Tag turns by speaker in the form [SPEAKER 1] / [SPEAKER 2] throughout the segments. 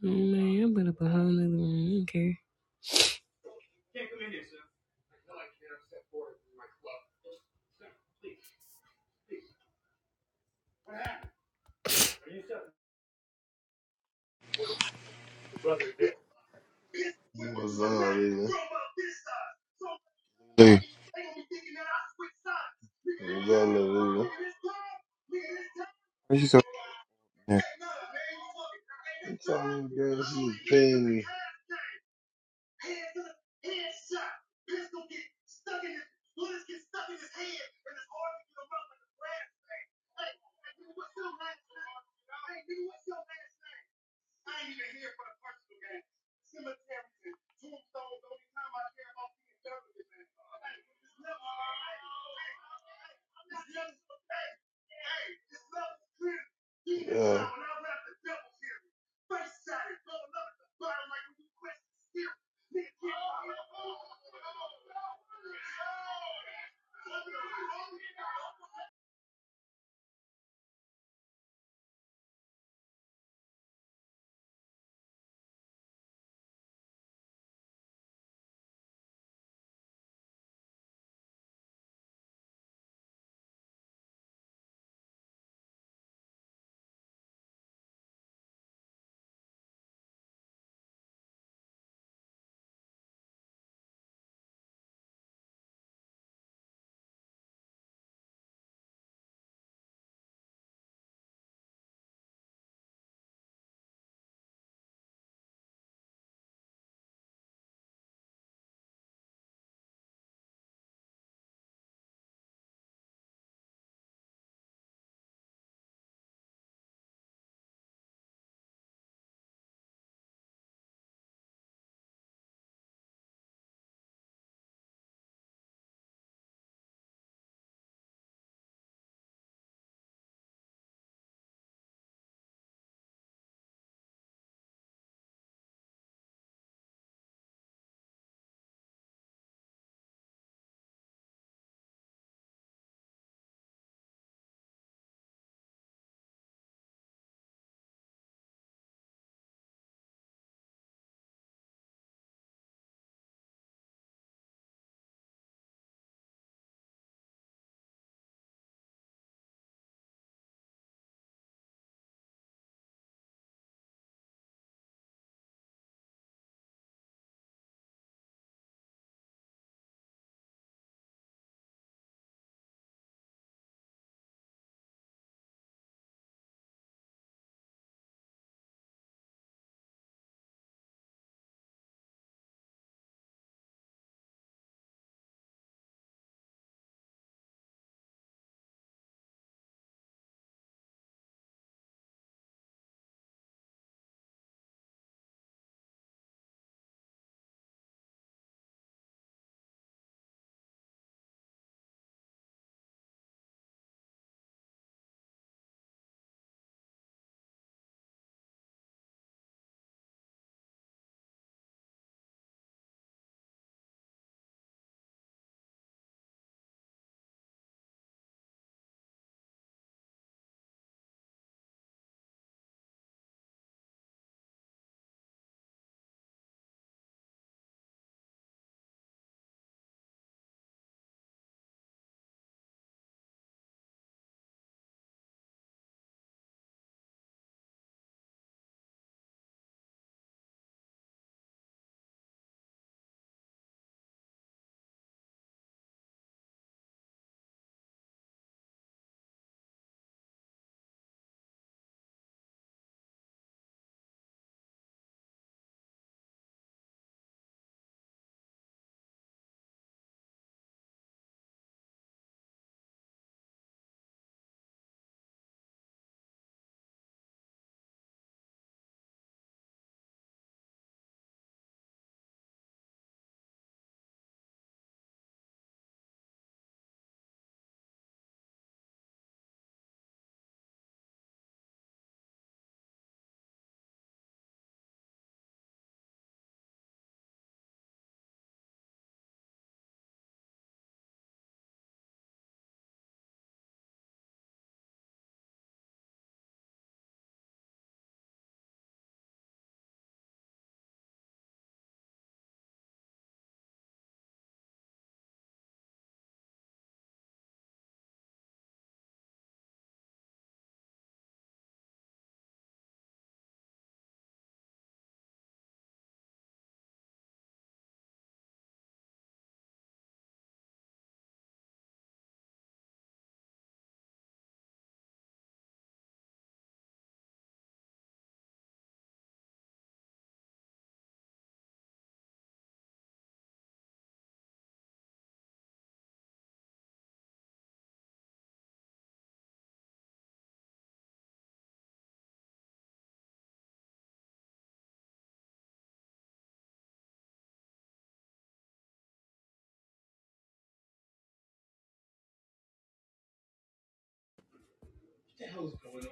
[SPEAKER 1] Oh man, I'm put up a whole nother room. I don't care.
[SPEAKER 2] What's up, nigga?
[SPEAKER 3] Hallelujah.
[SPEAKER 2] Here we go, little nigga.
[SPEAKER 3] Praise God.
[SPEAKER 2] You telling me, girl, she was paying me. Hands up, hands shot. Let's go get stuck in this. Bullets get stuck in his hand, and it's hard to get him up like a glass thing. Hey, hey, nigga, what's your last name? Hey, nigga, what's your last name? I ain't even here for the personal game. Cemeteries and tombstones, the only time I care about being done man. Hey, this love, hey, hey, hey, this love hey, hey, this love is clear. Keep in Yeah. when I rap the devil's here, face shot is up at the bottom like when you question steer. Thank you.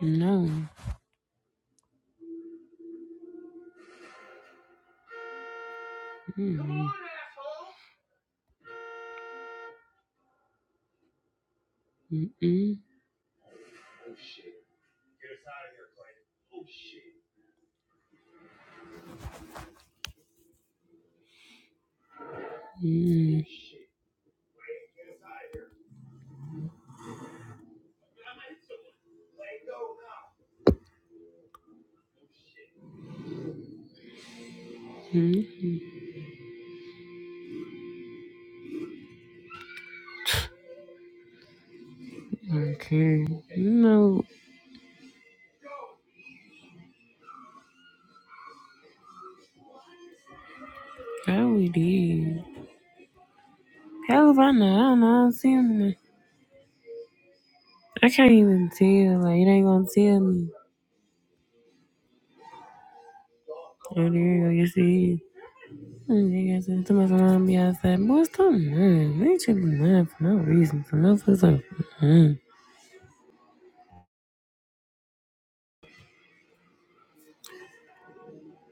[SPEAKER 1] No. Mm. Mm-mm. Mm-hmm. Okay. No, how we did. How if I know? I don't know. I don't see him. I can't even tell. Like, it ain't gonna tell me. Oh, there you go. Yes, it is. Mm, they got some- Somebody's gonna be outside. Boy, stop lying. They should be lying for no reason. For no fucking reason.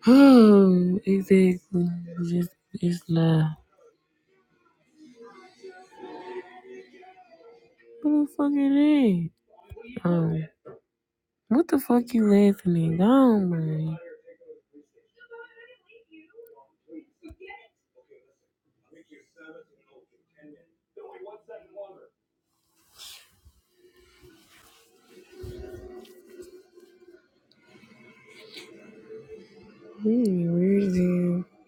[SPEAKER 1] Oh, exactly. Just, just lie. What the fuck it is? Um, what the fuck you listening? Go on, man. Mm, weird as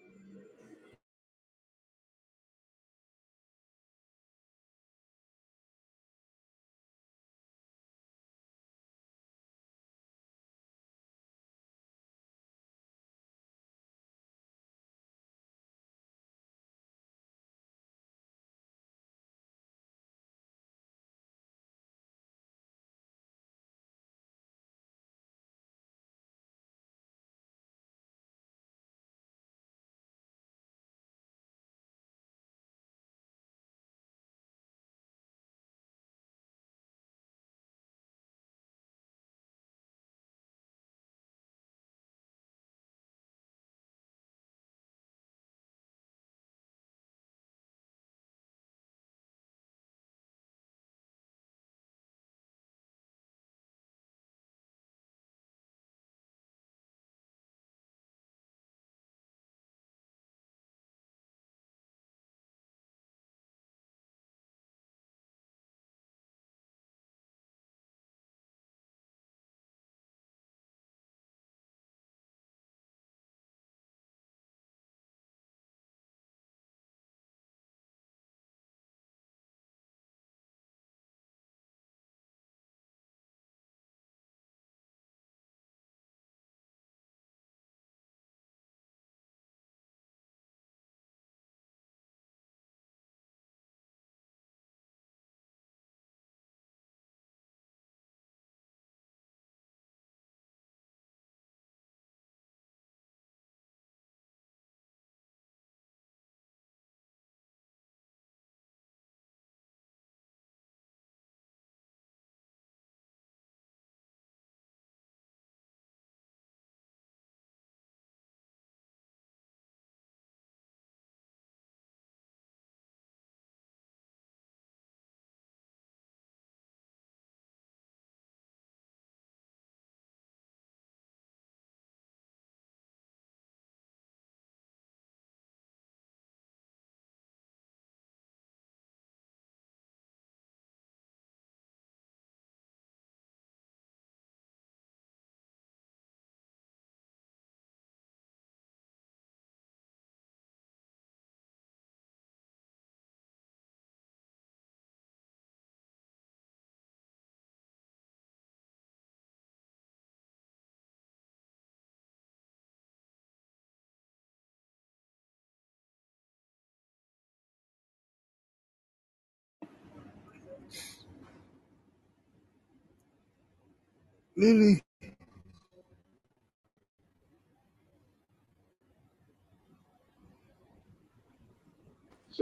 [SPEAKER 4] Lily,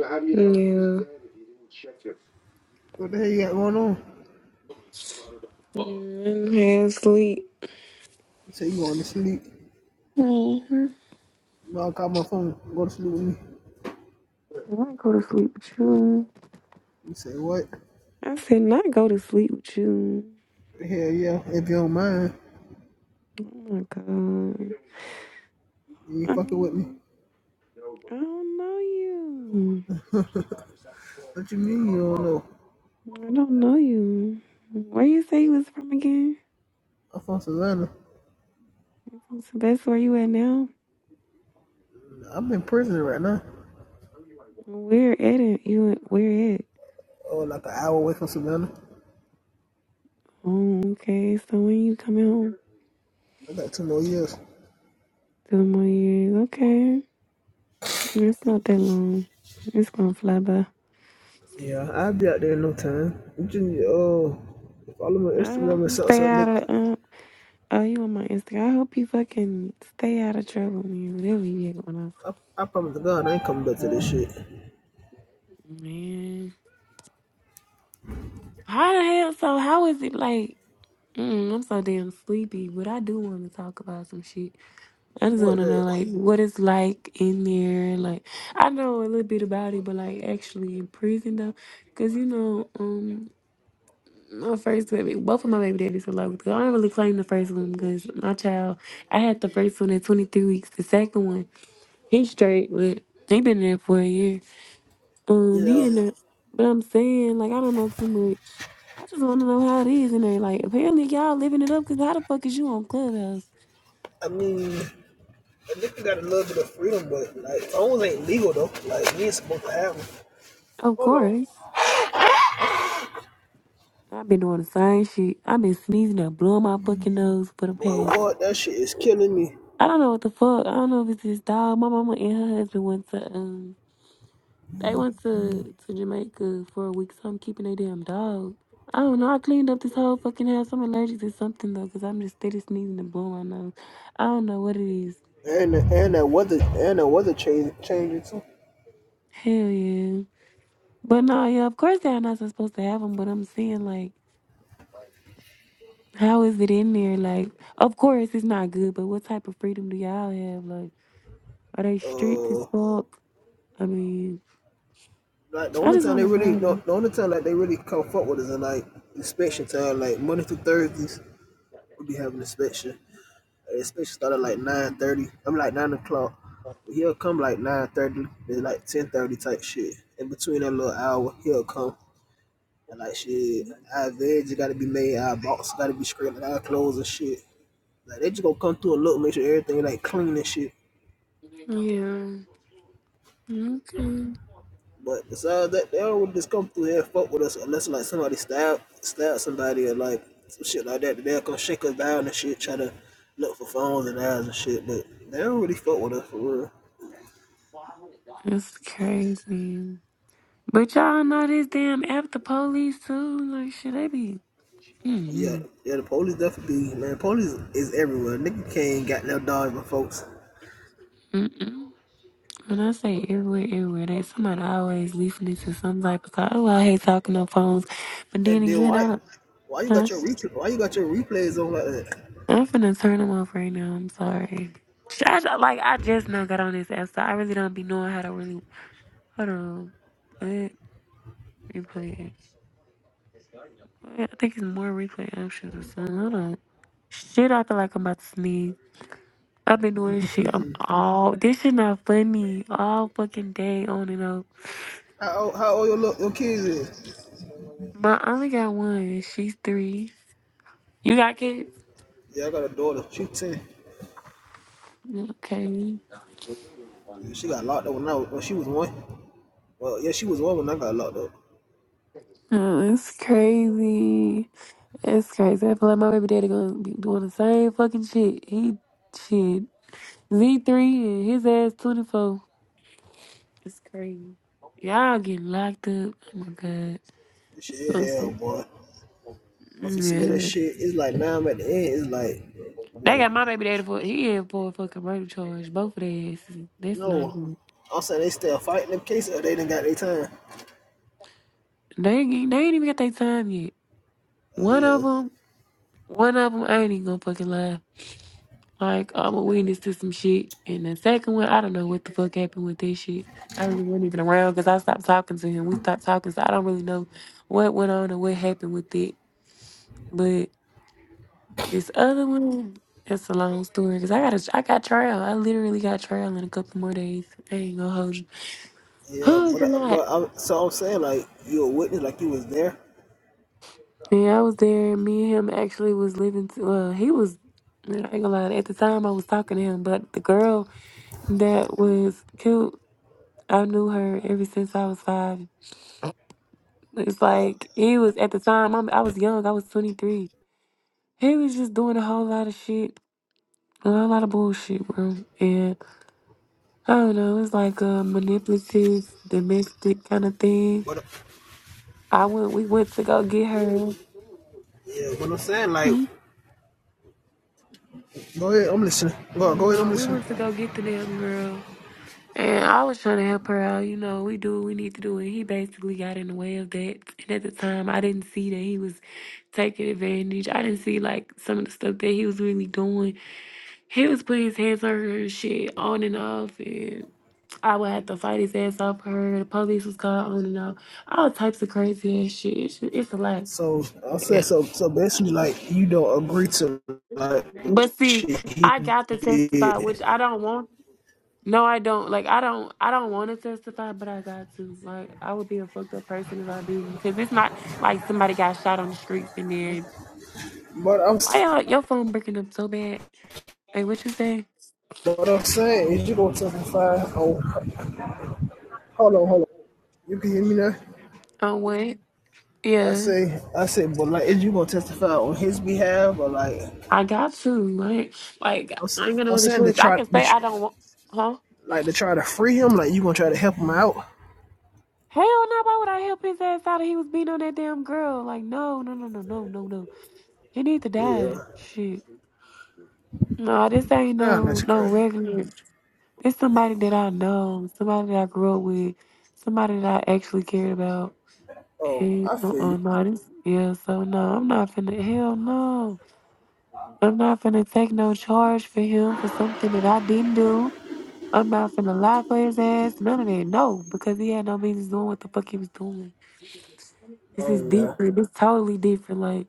[SPEAKER 1] hell. Yeah.
[SPEAKER 4] what the hell you got going on?
[SPEAKER 1] Mm, I had sleep.
[SPEAKER 4] He said, you going to sleep.
[SPEAKER 1] Mm-hmm.
[SPEAKER 4] Well, I call my phone. Go to sleep with me.
[SPEAKER 1] I go to sleep with you.
[SPEAKER 4] He said, what?
[SPEAKER 1] I said not go to sleep with you.
[SPEAKER 4] Hell yeah, if you don't mind,
[SPEAKER 1] Oh my god.
[SPEAKER 4] you ain't
[SPEAKER 1] I
[SPEAKER 4] fucking with me.
[SPEAKER 1] mean, I don't know you.
[SPEAKER 4] What you mean you don't know?
[SPEAKER 1] I don't know you. Where you say you was from again?
[SPEAKER 4] I'm from Savannah.
[SPEAKER 1] You from Sylvester? Where you at now?
[SPEAKER 4] I'm in prison right now.
[SPEAKER 1] Where at it? You at- where at?
[SPEAKER 4] Oh, like an hour away from Savannah.
[SPEAKER 1] Oh, okay. So when you coming home?
[SPEAKER 4] I got two more years.
[SPEAKER 1] Two more years. Okay, it's not that long. It's gonna fly by.
[SPEAKER 4] Yeah, I'll be out there in no time. You just, uh, follow my
[SPEAKER 1] I hope
[SPEAKER 4] Instagram and
[SPEAKER 1] you
[SPEAKER 4] stuff.
[SPEAKER 1] stay
[SPEAKER 4] So I,
[SPEAKER 1] out
[SPEAKER 4] look,
[SPEAKER 1] of. Uh, oh, you on my Instagram? I hope you fucking stay out of trouble, man. Whatever you get going on,
[SPEAKER 4] I, I promise to God I ain't coming back to this shit.
[SPEAKER 1] man. How the hell? So how is it like? Mm, I'm so damn sleepy, but I do want to talk about some shit. I just want
[SPEAKER 4] What
[SPEAKER 1] to know,
[SPEAKER 4] the?
[SPEAKER 1] like, what it's like in there. Like, I know a little bit about it, but like, actually in prison though, because you know, um, my first baby, both of my baby daddies are like, I don't really claim the first one because my child, I had the first one at 23 weeks. The second one, he straight, but he been there for a year. Um, he
[SPEAKER 4] Yeah,
[SPEAKER 1] in up, but I'm saying, like, I don't know too much. I just want to know how it is in there. Like, apparently y'all living it up because how the fuck is you on Clubhouse?
[SPEAKER 4] I mean... I think you got a little bit of freedom, but like phones ain't legal though. Like we ain't supposed to have them.
[SPEAKER 1] Of
[SPEAKER 4] Hold on.
[SPEAKER 1] course. I've been doing the same shit. I've been sneezing and blowing my fucking nose for the
[SPEAKER 4] But
[SPEAKER 1] past.
[SPEAKER 4] what that shit is killing me.
[SPEAKER 1] I don't know what the fuck. I don't know if it's this dog. My mama and her husband went to um, they went to to Jamaica for a week, so I'm keeping their damn dog. I don't know. I cleaned up this whole fucking house. I'm allergic to something though, cause I'm just steady sneezing and blowing my nose. I don't know what it is.
[SPEAKER 4] And the, and that weather and that weather change changing too.
[SPEAKER 1] Hell yeah. But no, yeah. Of course they're not supposed to have them, but I'm saying like, how is it in there? Like, of course it's not good, but what type of freedom do y'all have? Like. Are they strict
[SPEAKER 4] Uh,
[SPEAKER 1] as fuck? I mean,
[SPEAKER 4] like the
[SPEAKER 1] I
[SPEAKER 4] only
[SPEAKER 1] just
[SPEAKER 4] time
[SPEAKER 1] want
[SPEAKER 4] they
[SPEAKER 1] to
[SPEAKER 4] really the,
[SPEAKER 1] know.
[SPEAKER 4] the only time like they really come fuck with us is like inspection time. Like Monday through Thursdays we be having inspection. Like, inspection started like nine thirty. I'm like nine o'clock. He'll come like nine thirty, then like ten thirty type shit. In between that little hour, he'll come. And like shit, our veg gotta be made, our box gotta be scraped, like our clothes and shit. Like they just gonna come through and look, make sure everything like clean and shit.
[SPEAKER 1] Yeah. Okay.
[SPEAKER 4] But besides that, they don't just come through here and fuck with us unless like somebody stab stab somebody or like some shit like that. They'll come shake us down and shit, try to look for phones and eyes and shit. But they don't really fuck with us for real.
[SPEAKER 1] That's crazy. But y'all know this damn app, the police too. Like, should they be?
[SPEAKER 4] Yeah,
[SPEAKER 1] Mm-mm.
[SPEAKER 4] yeah, the police definitely be man. Police is everywhere. Nigga can't got no dog, my folks.
[SPEAKER 1] Mm-mm. When I say everywhere, everywhere, they somebody always listening to some type of call. Oh, I hate talking on phones. But then
[SPEAKER 4] And then
[SPEAKER 1] again, I
[SPEAKER 4] why,
[SPEAKER 1] don't.
[SPEAKER 4] why you
[SPEAKER 1] Huh?
[SPEAKER 4] got your replay? Why you got your replays on like that?
[SPEAKER 1] I'm finna turn them off right now. I'm sorry. I, like I just now got on this app, so I really don't be knowing how to really. Hold on. Replay. I think it's more replay options or something. Hold on. Shit, I feel like I'm about to sneeze. I've been doing this shit. I'm all this shit not funny. All fucking day on and off.
[SPEAKER 4] How old, how old your, little, your kids is?
[SPEAKER 1] But I only got one. She's three. You got kids?
[SPEAKER 4] Yeah, I got a daughter. She's 10.
[SPEAKER 1] Okay.
[SPEAKER 4] Yeah, She got locked up when I was, when she was one. Well, yeah, she was one when I got locked up.
[SPEAKER 1] Oh, it's crazy. It's crazy. I feel like my baby daddy gonna be doing the same fucking shit. He shit. Z three and his ass twenty four. It's crazy. Y'all getting locked up. Oh my
[SPEAKER 4] This shit is
[SPEAKER 1] god.
[SPEAKER 4] hell, boy. I'm so sick of this
[SPEAKER 1] Yeah.
[SPEAKER 4] shit. It's like now I'm at the end. It's like,
[SPEAKER 1] They
[SPEAKER 4] boy,
[SPEAKER 1] got my baby daddy for he in for a fucking murder charge. Both of their asses. That's not
[SPEAKER 4] no.
[SPEAKER 1] good.
[SPEAKER 4] I'm saying they still fighting them cases. Or they didn't got their time.
[SPEAKER 1] They ain't, get- they ain't even got their time yet.
[SPEAKER 4] Uh,
[SPEAKER 1] One of
[SPEAKER 4] yeah,
[SPEAKER 1] them, one of them ain't even gonna fucking lie. Like I'm a witness to some shit, and the second one, I don't know what the fuck happened with this shit. I really wasn't even around because I stopped talking to him. We stopped talking, so I don't really know what went on or what happened with it. But this other one, it's a long story because I got a, I got trial. I literally got trial in a couple more days. I ain't gonna hold you.
[SPEAKER 4] yeah.
[SPEAKER 1] Who's a
[SPEAKER 4] But I,
[SPEAKER 1] lot?
[SPEAKER 4] but I, so I'm saying like you a witness, like you was there.
[SPEAKER 1] Yeah, I was there. Me and him actually was living. To, well, he was. I ain't gonna lie. At the time, I was talking to him, but the girl that was cute, I knew her ever since I was five. It's
[SPEAKER 4] Yeah.
[SPEAKER 1] like he was at the time. I'm, I was young. I was twenty three. He was just doing a whole lot of shit, a whole lot of bullshit, bro. And I don't know. It's like a manipulative, domestic kind of thing.
[SPEAKER 4] But
[SPEAKER 1] I went. We went to go get her.
[SPEAKER 4] yeah, but I'm saying like,
[SPEAKER 1] Hmm?
[SPEAKER 4] go ahead. I'm listening. Go go ahead. I'm
[SPEAKER 1] No, we
[SPEAKER 4] listening.
[SPEAKER 1] went to go get the damn girl. And I was trying to help her out. You know, we do what we need to do. And he basically got in the way of that. And at the time, I didn't see that he was taking advantage. I didn't see, like, some of the stuff that he was really doing. He was putting his hands on her and shit on and off. And I would have to fight his ass off her. The police was called on and off. All types of crazy ass shit. It's, it's a lot.
[SPEAKER 4] So I said so. So basically, like you don't agree to like the
[SPEAKER 1] But see,
[SPEAKER 4] shit he
[SPEAKER 1] I got to testify, which
[SPEAKER 4] did.
[SPEAKER 1] I don't want No, I don't. Like, I don't. I don't want to testify, but I got to. Like, I would be a fucked up person if I didn't, because it's not like somebody got shot on the streets and then
[SPEAKER 4] But I'm
[SPEAKER 1] why y'all your phone breaking up so bad? Like, what you say?
[SPEAKER 4] what I'm saying is you gonna testify. On, hold on, hold on. You can hear me now.
[SPEAKER 1] Oh, what?
[SPEAKER 4] I
[SPEAKER 1] Yeah,
[SPEAKER 4] say, I say, but like, is you gonna testify on his behalf or like?
[SPEAKER 1] I got to. Like, like
[SPEAKER 4] I'm,
[SPEAKER 1] I ain't
[SPEAKER 4] i
[SPEAKER 1] gonna
[SPEAKER 4] I'm
[SPEAKER 1] know the
[SPEAKER 4] saying to
[SPEAKER 1] I
[SPEAKER 4] try,
[SPEAKER 1] can
[SPEAKER 4] to
[SPEAKER 1] say I don't want. Huh?
[SPEAKER 4] like to try to free him. Like you gonna try to help him out?
[SPEAKER 1] Hell no! Why would I help his ass out? If he was beating on that damn girl. Like, no, no, no, no, no, no, no. He need to
[SPEAKER 4] Yeah.
[SPEAKER 1] die. Shit. No, this ain't
[SPEAKER 4] Damn,
[SPEAKER 1] no
[SPEAKER 4] that's
[SPEAKER 1] no
[SPEAKER 4] crazy.
[SPEAKER 1] regular. It's somebody that I know, somebody that I grew up with, somebody that I actually cared about.
[SPEAKER 4] Oh,
[SPEAKER 1] And
[SPEAKER 4] I
[SPEAKER 1] uh
[SPEAKER 4] feel
[SPEAKER 1] uh
[SPEAKER 4] you.
[SPEAKER 1] no, this yeah, so no, I'm not finna hell no. I'm not finna take no charge for him for something that I didn't do. I'm not finna lie for his ass, none of that. No, because he had no business doing what the fuck he was doing. This is
[SPEAKER 4] Oh yeah.
[SPEAKER 1] different. It's totally different. Like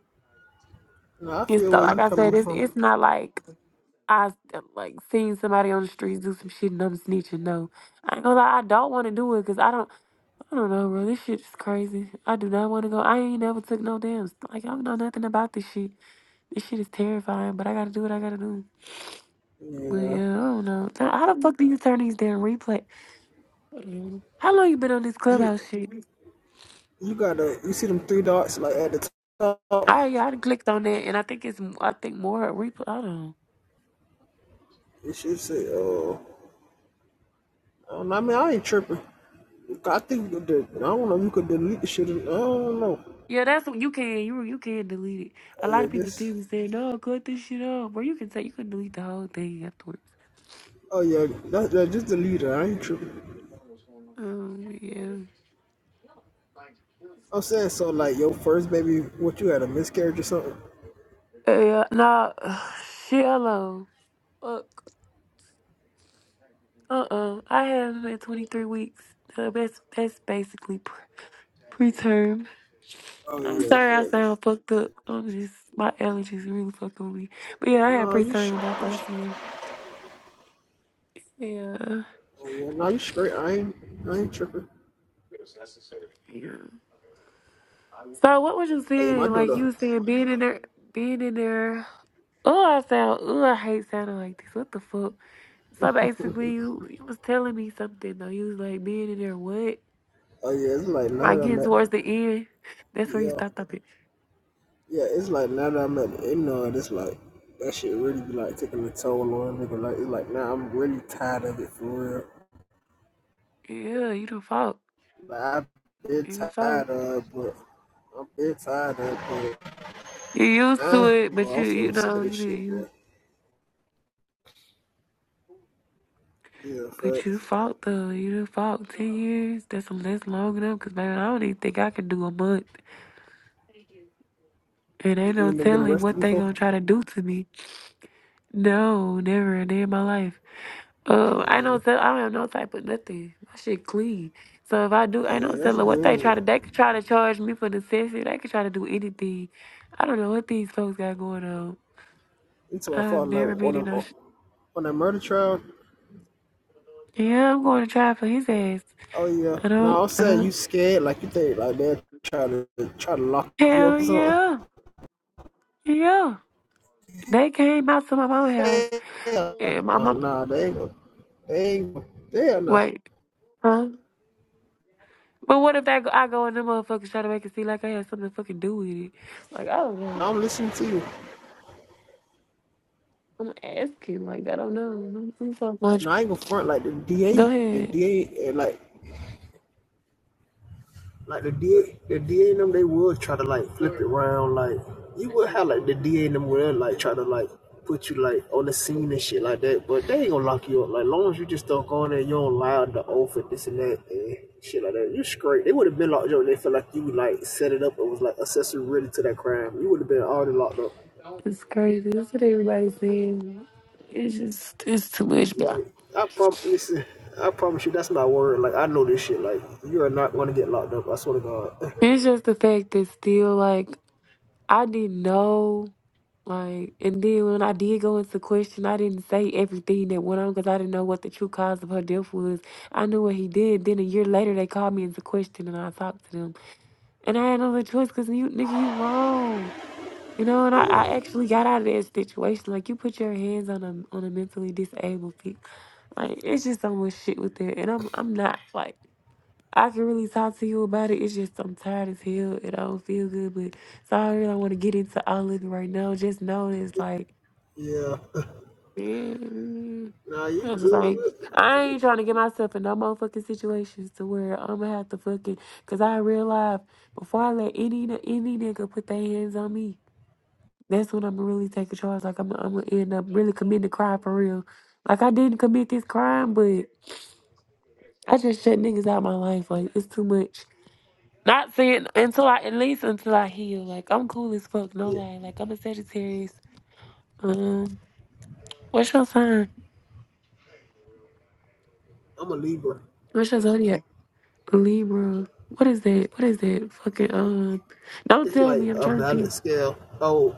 [SPEAKER 4] No, I
[SPEAKER 1] it's
[SPEAKER 4] feel
[SPEAKER 1] not-
[SPEAKER 4] where you
[SPEAKER 1] like I said,
[SPEAKER 4] coming
[SPEAKER 1] it's
[SPEAKER 4] from.
[SPEAKER 1] it's not like I like seeing somebody on the streets do some shit and I'm snitching. No, I ain't gonna lie. I don't want to do it because I don't. I don't know, bro. This shit's crazy. I do not want to go. I ain't never took no damn. Like I don't know nothing about this shit. This shit is terrifying, but I gotta do what I gotta do. But
[SPEAKER 4] Yeah.
[SPEAKER 1] yeah, I don't know. Now, how the fuck do you turn these damn replay? Mm. How long you been on this
[SPEAKER 4] You
[SPEAKER 1] clubhouse shit?
[SPEAKER 4] You got the you see them three dots like at the
[SPEAKER 1] I
[SPEAKER 4] top.
[SPEAKER 1] yeah, I done clicked on that, and I think it's I think more replay. I don't know.
[SPEAKER 4] It should say, "Oh, I, don't know, I mean, I ain't tripping." I think the, I don't know. if You could delete the shit. I don't know.
[SPEAKER 1] Yeah, that's what you can you you can delete it. A
[SPEAKER 4] Oh
[SPEAKER 1] lot
[SPEAKER 4] yeah,
[SPEAKER 1] of people
[SPEAKER 4] just
[SPEAKER 1] still be saying no, cut this shit off. Bro, you can say you can delete the whole thing afterwards.
[SPEAKER 4] oh yeah, that, that, just delete it. I ain't tripping.
[SPEAKER 1] Um, yeah,
[SPEAKER 4] I'm saying so like your first baby, what you had a miscarriage or something?
[SPEAKER 1] yeah, nah, shit, hello. Fuck. Uh-uh. I have been 23 weeks. Uh, that's that's basically pre- preterm.
[SPEAKER 4] Oh
[SPEAKER 1] I'm
[SPEAKER 4] yeah,
[SPEAKER 1] sorry I
[SPEAKER 4] facts.
[SPEAKER 1] sound fucked up. I'm just my allergies really fucking with me. But yeah, I had
[SPEAKER 4] No, you sh
[SPEAKER 1] preterm with my first one. Yeah.
[SPEAKER 4] oh yeah, no, you straight. I ain't I ain't tripping.
[SPEAKER 1] Yeah. So what was you
[SPEAKER 4] Oh yeah, my
[SPEAKER 1] saying? Like you
[SPEAKER 4] daughter.
[SPEAKER 1] was saying being in there being in there Oh I sound oh I hate sounding like this. What the fuck? So basically you, you was telling me something though. You was like being in there what?
[SPEAKER 4] Oh yeah, it's like none of
[SPEAKER 1] Like
[SPEAKER 4] them.
[SPEAKER 1] getting towards the end. That's where you
[SPEAKER 4] yeah.
[SPEAKER 1] stopped up it.
[SPEAKER 4] Yeah, it's like now that I'm at the end of it, it's like that shit really be like taking a toll on a nigga. Like it's like now I'm really tired of it for real.
[SPEAKER 1] Yeah, you done fought.
[SPEAKER 4] Like I've been
[SPEAKER 1] You fought.
[SPEAKER 4] tired of, it, but I'm been tired of, it, but
[SPEAKER 1] You used to
[SPEAKER 4] uh,
[SPEAKER 1] it,
[SPEAKER 4] well,
[SPEAKER 1] but you
[SPEAKER 4] also
[SPEAKER 1] you
[SPEAKER 4] I'm so sick
[SPEAKER 1] know
[SPEAKER 4] of this
[SPEAKER 1] you did-
[SPEAKER 4] shit,
[SPEAKER 1] you
[SPEAKER 4] boy. Yeah,
[SPEAKER 1] but you
[SPEAKER 4] facts.
[SPEAKER 1] fought though. You done fought ten years. That's that's long enough. Cause man, I don't even think I can do a month. And ain't
[SPEAKER 4] You
[SPEAKER 1] no
[SPEAKER 4] ain't never been
[SPEAKER 1] telling
[SPEAKER 4] arrested
[SPEAKER 1] what they
[SPEAKER 4] before?
[SPEAKER 1] gonna try to do to me. No, never a day in my life. Um, I know
[SPEAKER 4] Yeah,
[SPEAKER 1] tell I don't have no type of nothing. My shit clean. So if I do,
[SPEAKER 4] oh
[SPEAKER 1] I know
[SPEAKER 4] yeah, that's
[SPEAKER 1] telling what they try to.
[SPEAKER 4] good.
[SPEAKER 1] They could try to charge me for the session. They could try to do anything. I don't know what these folks got going on.
[SPEAKER 4] Until I
[SPEAKER 1] I've
[SPEAKER 4] fought
[SPEAKER 1] never
[SPEAKER 4] like
[SPEAKER 1] been
[SPEAKER 4] on a
[SPEAKER 1] in no. Sh-
[SPEAKER 4] on that murder trial.
[SPEAKER 1] yeah, I'm going to try for his ass.
[SPEAKER 4] Oh yeah,
[SPEAKER 1] I don't,
[SPEAKER 4] no, I'm
[SPEAKER 1] I
[SPEAKER 4] saying
[SPEAKER 1] don't.
[SPEAKER 4] you scared like you think like they try to try to lock you
[SPEAKER 1] Hell
[SPEAKER 4] up or something.
[SPEAKER 1] yeah, yeah. They came out to my mama's house,
[SPEAKER 4] Hell
[SPEAKER 1] and my
[SPEAKER 4] no,
[SPEAKER 1] mom.
[SPEAKER 4] nah, they ain't gonna, they ain't gonna, hell no.
[SPEAKER 1] Wait, huh? But what if that go, I go in the motherfucker try to make it seem like I had something to fucking do with it? Like I don't know.
[SPEAKER 4] I'm listening to you.
[SPEAKER 1] I'm asking. Like I don't know. I'm, I'm so much.
[SPEAKER 4] No, I ain't gonna front like the
[SPEAKER 1] Go
[SPEAKER 4] DA, the
[SPEAKER 1] ahead.
[SPEAKER 4] DA, and like, like the DA, the DA and them, they would try to like flip it around. Like, you would have like the DA and them would like try to like put you like on the scene and shit like that, but they ain't gonna lock you up. Like, long as you just don't go in there, and you don't lie on the oath and this and that and shit like that, you straight. They would have been locked up. They felt like you like set it up and was like accessory really to that crime. You would have been already locked up.
[SPEAKER 1] It's crazy. That's what everybody's saying. It's just, it's too much. But
[SPEAKER 4] You know, I prom listen, I promise you that's my word. Like I know this shit. Like you are not gonna get locked up. I swear to God.
[SPEAKER 1] it's just the fact that still, like, I didn't know. Like, and then when I did go into question, I didn't say everything that went on because I didn't know what the true cause of her death was. I knew what he did. Then a year later, they called me into question, and I talked to them. And I had no other choice because you, nigga, you wrong. You know, and I, I actually got out of that situation. Like, you put your hands on a on a mentally disabled people. Like, it's just so much shit with that. And I'm I'm not like I can really talk to you about it. It's just I'm tired as hell. It don't feel good, but so I really don't want to get into all of it right now. Just know that it's like.
[SPEAKER 4] yeah.
[SPEAKER 1] Man,
[SPEAKER 4] Nah, you
[SPEAKER 1] I was just
[SPEAKER 4] good
[SPEAKER 1] like,
[SPEAKER 4] with it.
[SPEAKER 1] I ain't trying to get myself in no motherfucking situations to where I'm gonna have to fucking. Cause I realized before I let any any nigga put their hands on me, that's when I'm gonna really take a charge. Like I'm I'm gonna end up really committing a crime for real. Like I didn't commit this crime, but I just shut niggas out my life. Like it's too much. Not saying until I at least until I heal. Like I'm cool as fuck. No
[SPEAKER 4] Yeah.
[SPEAKER 1] lie. Like I'm a Sagittarius. Um, what's your sign?
[SPEAKER 4] I'm a Libra.
[SPEAKER 1] What's your zodiac? Libra. What is that? What is that? Fucking um. Don't
[SPEAKER 4] It's
[SPEAKER 1] tell
[SPEAKER 4] like
[SPEAKER 1] me. I'm
[SPEAKER 4] a
[SPEAKER 1] trying to think.
[SPEAKER 4] balance scale. Oh,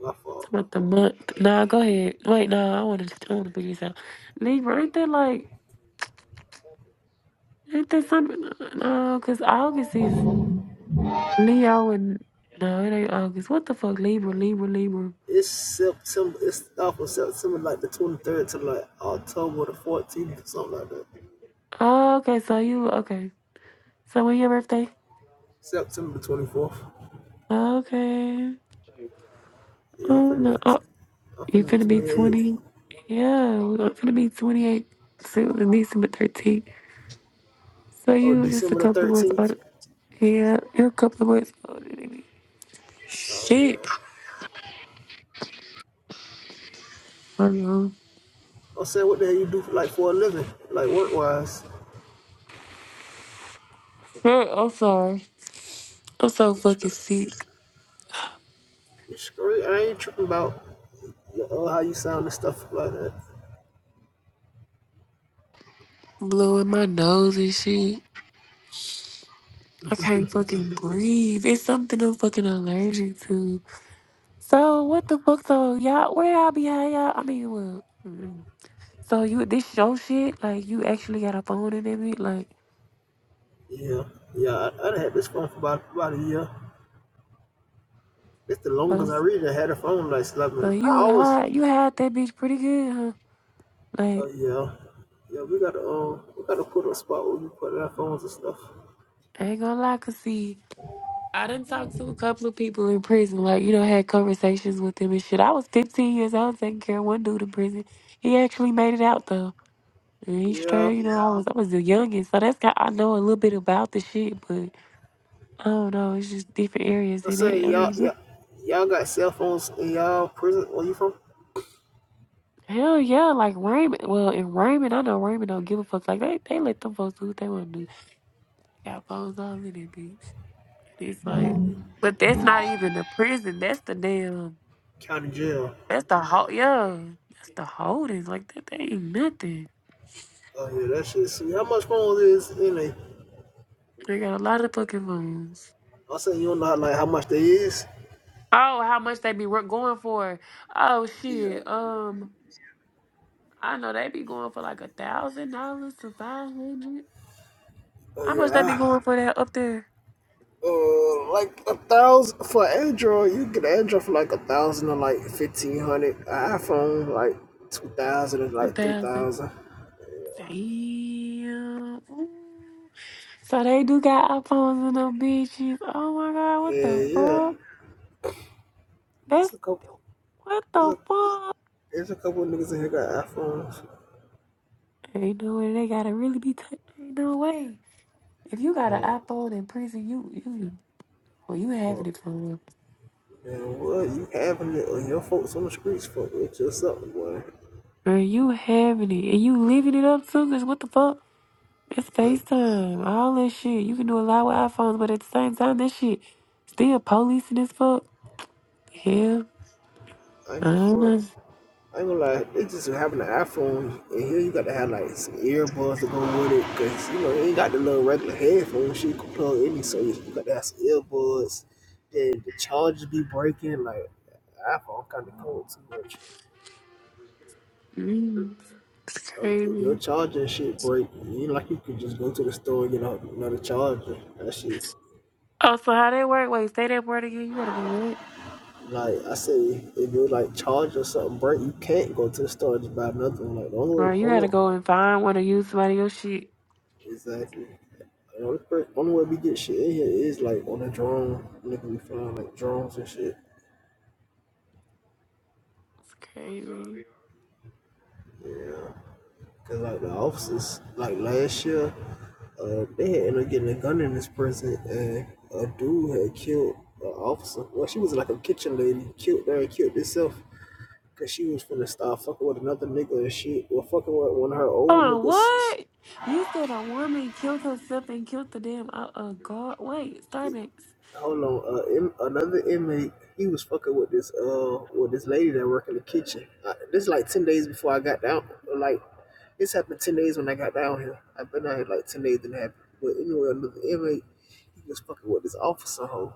[SPEAKER 4] my
[SPEAKER 1] It's
[SPEAKER 4] fault.
[SPEAKER 1] about the month. Nah, go ahead. Wait, nah. I want to. I want to figure this out. Libra. Ain't that like? Ain't that something? No, because August is Leo and no, it ain't August. What the fuck? Libra. Libra. Libra.
[SPEAKER 4] It's September it's off of September like the twenty third to like October the fourteenth or something like that.
[SPEAKER 1] Oh, okay. So you okay? So when your birthday?
[SPEAKER 4] September the twenty fourth.
[SPEAKER 1] Okay.
[SPEAKER 4] Yeah, I'm
[SPEAKER 1] Oh
[SPEAKER 4] finna
[SPEAKER 1] no.
[SPEAKER 4] be
[SPEAKER 1] Oh,
[SPEAKER 4] I'm
[SPEAKER 1] you
[SPEAKER 4] finna be
[SPEAKER 1] finna be
[SPEAKER 4] twenty eight.
[SPEAKER 1] twenty. Yeah, I'm finna be twenty eight soon. December thirteenth. So
[SPEAKER 4] Oh,
[SPEAKER 1] you just a
[SPEAKER 4] December the
[SPEAKER 1] couple months.
[SPEAKER 4] thirteenth.
[SPEAKER 1] Yeah, you're a couple of words older than me.
[SPEAKER 4] Oh
[SPEAKER 1] Shit.
[SPEAKER 4] yeah.
[SPEAKER 1] I know.
[SPEAKER 4] I'm saying, what the hell you do like for a living, like work wise?
[SPEAKER 1] Girl, I'm sorry. I'm so
[SPEAKER 4] You
[SPEAKER 1] fucking sick.
[SPEAKER 4] screw. I ain't tripping about you how you sound and stuff like that.
[SPEAKER 1] Blowing my nose and shit. I can't fucking breathe. It's something I'm fucking allergic to. So what the fuck? So y'all, where y'all be at, y'all? I mean, well, mm. so you this show shit? Like you actually got a phone in that bitch? Like,
[SPEAKER 4] Yeah, yeah. I, I done had this phone for about about a year. It's the longest
[SPEAKER 1] um,
[SPEAKER 4] I really had a phone like
[SPEAKER 1] so
[SPEAKER 4] slapping. I
[SPEAKER 1] you
[SPEAKER 4] always.
[SPEAKER 1] hide you had that bitch pretty good, huh?
[SPEAKER 4] Oh
[SPEAKER 1] Like,
[SPEAKER 4] uh, yeah, yeah. We gotta um, we gotta put a spot where we put our phones and stuff.
[SPEAKER 1] I ain't gonna lie, cause see. I done talked to a couple of people in prison, like, you know, had conversations with them and shit. I was 15 years old taking care of one dude in prison. He actually made it out though. And he
[SPEAKER 4] Yeah,
[SPEAKER 1] straight, you know, I Yeah. was I was the youngest, so that's got I know a little bit about the shit, but I don't know, it's just different areas
[SPEAKER 4] I'm
[SPEAKER 1] in it.
[SPEAKER 4] saying
[SPEAKER 1] I mean
[SPEAKER 4] y'all,
[SPEAKER 1] this-
[SPEAKER 4] y'all, y'all got cell phones in y'all prison. Where you from?
[SPEAKER 1] hell yeah, like Raymond well in Raymond, I know Raymond don't give a fuck. Like they, they let them folks do what they wanna do. Got phones on in it, bitch. It's like but that's not even the prison, that's the damn
[SPEAKER 4] County jail.
[SPEAKER 1] That's the whole yeah. That's the holdings. Like that, they ain't nothing.
[SPEAKER 4] Oh yeah, that shit. sweet. how much phones is in a
[SPEAKER 1] They got a lot of fucking phones.
[SPEAKER 4] I said, you don't know how, like how much that is?
[SPEAKER 1] Oh, how much they be wor- going for? Oh
[SPEAKER 4] Yeah.
[SPEAKER 1] shit. Um, I know they be going for like a thousand dollars to five hundred.
[SPEAKER 4] Uh,
[SPEAKER 1] How much they be
[SPEAKER 4] yeah.
[SPEAKER 1] going for that up there?
[SPEAKER 4] Uh, like a thousand for Android, you get Android for like a thousand or like fifteen hundred. iPhone like two thousand or
[SPEAKER 1] Two
[SPEAKER 4] like three
[SPEAKER 1] thousand.
[SPEAKER 4] thousand.
[SPEAKER 1] Damn. Ooh. So they do got iPhones and them bitches. Oh my god, what
[SPEAKER 4] Yeah,
[SPEAKER 1] the
[SPEAKER 4] yeah.
[SPEAKER 1] fuck?
[SPEAKER 4] It's
[SPEAKER 1] That's
[SPEAKER 4] a couple.
[SPEAKER 1] what
[SPEAKER 4] It's
[SPEAKER 1] the
[SPEAKER 4] a.
[SPEAKER 1] fuck?
[SPEAKER 4] It's a couple of niggas in here got iPhones.
[SPEAKER 1] Ain't no way they gotta really be touching. Ain't no way. If you got an
[SPEAKER 4] But,
[SPEAKER 1] iPhone in prison, you you well, you
[SPEAKER 4] but,
[SPEAKER 1] having it for real.
[SPEAKER 4] man, what you having it on your folks on the streets for? It's just something, boy.
[SPEAKER 1] Girl, you having it, and you living it up too. Cause what the fuck? It's
[SPEAKER 4] I,
[SPEAKER 1] FaceTime, all that shit. You can do a lot with iPhones, but at the same time, that shit still policing as fuck. Hell,
[SPEAKER 4] I
[SPEAKER 1] I
[SPEAKER 4] ain't
[SPEAKER 1] don't
[SPEAKER 4] front.
[SPEAKER 1] know.
[SPEAKER 4] I ain't gonna lie, it's just having an iPhone and here you got to have like some earbuds to go with it because you know you ain't got the little regular headphones shit you can plug in, so you you got to have some earbuds. Then the charger be breaking, like iPhone kind of cold too much.
[SPEAKER 1] Mm, it's
[SPEAKER 4] Um, if your
[SPEAKER 1] crazy.
[SPEAKER 4] charger and shit break, you ain't like you could just go to the store and get a- another charger. That shit,
[SPEAKER 1] Oh, so how that work? Wait, say that word again. You gotta do what?
[SPEAKER 4] like I say, if your like charger or something break, you can't go to the store and just buy another one. Like the only,
[SPEAKER 1] Right, you gotta
[SPEAKER 4] only
[SPEAKER 1] go and find one or use somebody else's shit.
[SPEAKER 4] Exactly. The only, per- only way we get shit in here is like on a drone. Nigga, we flying like drones and shit.
[SPEAKER 1] It's crazy.
[SPEAKER 4] Cause like the officers, like last year, uh, they had ended up getting a gun in this prison, and a dude had killed an officer. Well, she was like a kitchen lady, killed her and killed herself because she was finna start fucking with another nigga and shit. Well, fucking with one of her old
[SPEAKER 1] Oh,
[SPEAKER 4] niggas.
[SPEAKER 1] what? You said a woman killed herself and killed the damn uh, uh guard. Wait, Starbucks.
[SPEAKER 4] Hold on, uh, in, another inmate, he was fucking with this uh with this lady that worked in the kitchen. I, this like ten days before I got down. Like this happened ten days when I got down here. I've been out here like ten days and it happened. But anyway, another inmate, he was fucking with this officer hoe.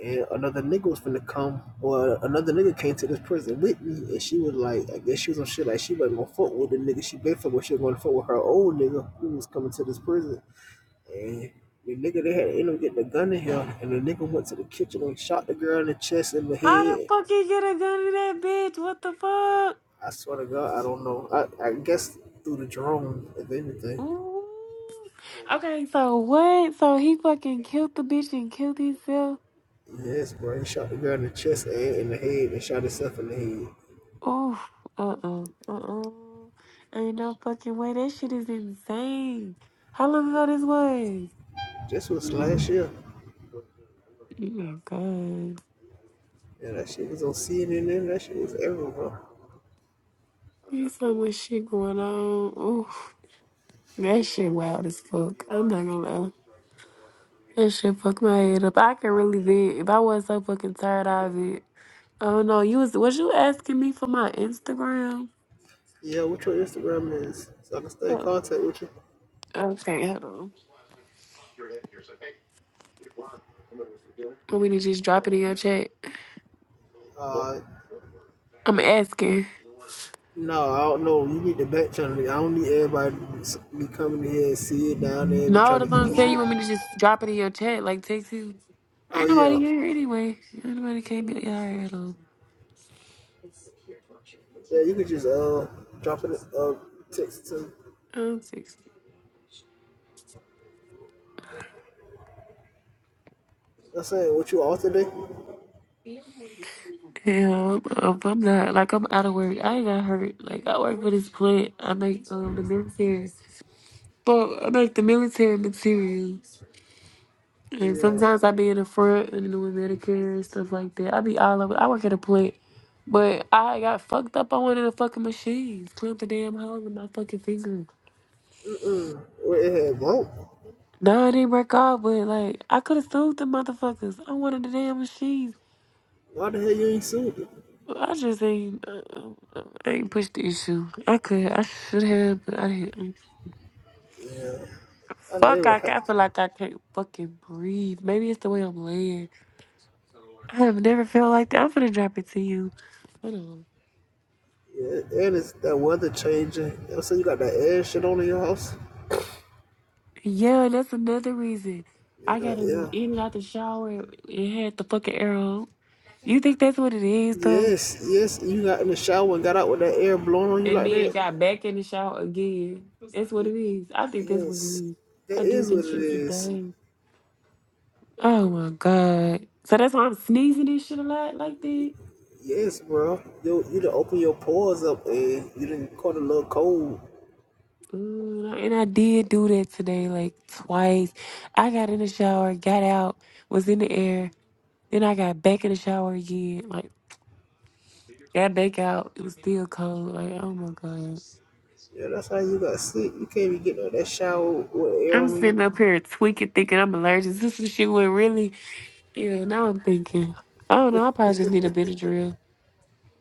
[SPEAKER 4] And another nigga was finna come, or another nigga came to this prison with me, and she was like, I guess she was on shit like she wasn't gonna fuck with the nigga she been fuck with. She was gonna fuck with her old nigga who was coming to this prison. And the nigga, they had in him get the gun in him, and the nigga went to the kitchen and shot the girl in the chest and the
[SPEAKER 1] How the
[SPEAKER 4] head.
[SPEAKER 1] fuck you get a gun to that bitch? What the fuck?
[SPEAKER 4] I swear to God, I don't know. I, I guess through the drone, if anything.
[SPEAKER 1] Ooh. Okay, so what? So he fucking killed the bitch and killed himself.
[SPEAKER 4] Yes, bro, he shot the girl in the chest and in the head and shot himself in the head.
[SPEAKER 1] Oof. Uh uh. Uh uh. Ain't no fucking way. That shit is insane. How long ago this was?
[SPEAKER 4] This was last year,
[SPEAKER 1] Oh god.
[SPEAKER 4] Yeah, that shit was on CNN, that shit was everywhere, bro.
[SPEAKER 1] There's so much shit going on. Oof. That shit wild as fuck. I'm not gonna lie. That shit fucked my head up. I could really vent. If I was not so fucking tired, I'd vent. Oh no, you was was you asking me for my Instagram?
[SPEAKER 4] Yeah, what's your Instagram is? So I can stay in
[SPEAKER 1] Oh,
[SPEAKER 4] contact with you.
[SPEAKER 1] Okay, hold on. Want me to just drop it in your chat?
[SPEAKER 4] Uh,
[SPEAKER 1] I'm asking.
[SPEAKER 4] no, I don't know. You need the back channel. I don't need everybody to be coming here and see it down there and be
[SPEAKER 1] No,
[SPEAKER 4] trying to
[SPEAKER 1] that's what
[SPEAKER 4] get
[SPEAKER 1] I'm
[SPEAKER 4] your
[SPEAKER 1] saying.
[SPEAKER 4] shit.
[SPEAKER 1] You want me to just drop it in your chat, like text you?
[SPEAKER 4] Oh
[SPEAKER 1] Ain't nobody
[SPEAKER 4] yeah,
[SPEAKER 1] here anyway. Ain't nobody came in here at all.
[SPEAKER 4] yeah. You could just uh drop it uh text to.
[SPEAKER 1] I'm six.
[SPEAKER 4] I'm saying what you off today?
[SPEAKER 1] Yeah, I'm, I'm not like I'm out of work. I ain't got hurt. Like I work for this plant. I make um the military. But I make the military material. And
[SPEAKER 4] Yeah.
[SPEAKER 1] sometimes I be in the front and doing Medicare and stuff like that. I be all over. I work at a plant, but I got fucked up on one of the fucking machines. Clamped the damn hole in my fucking finger.
[SPEAKER 4] Mm-mm. Well, it had broke.
[SPEAKER 1] No, it didn't break off, but like I could have sued the motherfuckers. I wanted the damn machines.
[SPEAKER 4] Why the hell you ain't seen it?
[SPEAKER 1] I just ain't, uh, uh, I ain't pushed the issue. I could, I should have, but I didn't.
[SPEAKER 4] Yeah. I don't
[SPEAKER 1] Fuck,
[SPEAKER 4] know what
[SPEAKER 1] I,
[SPEAKER 4] happened.
[SPEAKER 1] ca- I feel like I can't fucking breathe. Maybe it's the way I'm laying. I have never felt like that. I'm finna drop it to you. Hold on.
[SPEAKER 4] Yeah, and it's that weather changing. I'm saying you got that air shit on in your house.
[SPEAKER 1] Yeah, that's another reason.
[SPEAKER 4] Yeah,
[SPEAKER 1] I got
[SPEAKER 4] that
[SPEAKER 1] in
[SPEAKER 4] air.
[SPEAKER 1] in and out the shower and had the fucking arrow. You think that's what it is, though?
[SPEAKER 4] Yes, yes. You got in the shower and got out with that air blowing on you
[SPEAKER 1] And
[SPEAKER 4] like
[SPEAKER 1] then
[SPEAKER 4] that.
[SPEAKER 1] got back in the shower again. That's what it is. I think that's what it
[SPEAKER 4] Yes,
[SPEAKER 1] is. I
[SPEAKER 4] that
[SPEAKER 1] do
[SPEAKER 4] is
[SPEAKER 1] think
[SPEAKER 4] what it
[SPEAKER 1] shit's a
[SPEAKER 4] is.
[SPEAKER 1] thing. Oh my god. So that's why I'm sneezing this shit a lot like that.
[SPEAKER 4] Yes, bro. You you done open your pores up and you didn't caught a little cold.
[SPEAKER 1] Ooh, And I did do that today, like twice. I got in the shower, got out, was in the air, then I got back in the shower again, like got back out. It was still cold. Like, oh my god.
[SPEAKER 4] Yeah, that's how you got sleep. You can't even get no that shower with air
[SPEAKER 1] I'm
[SPEAKER 4] on you.
[SPEAKER 1] sitting up here tweaking, thinking I'm allergic. This is shit went really. Yeah, now I'm thinking. I don't know. I probably just need a Benadryl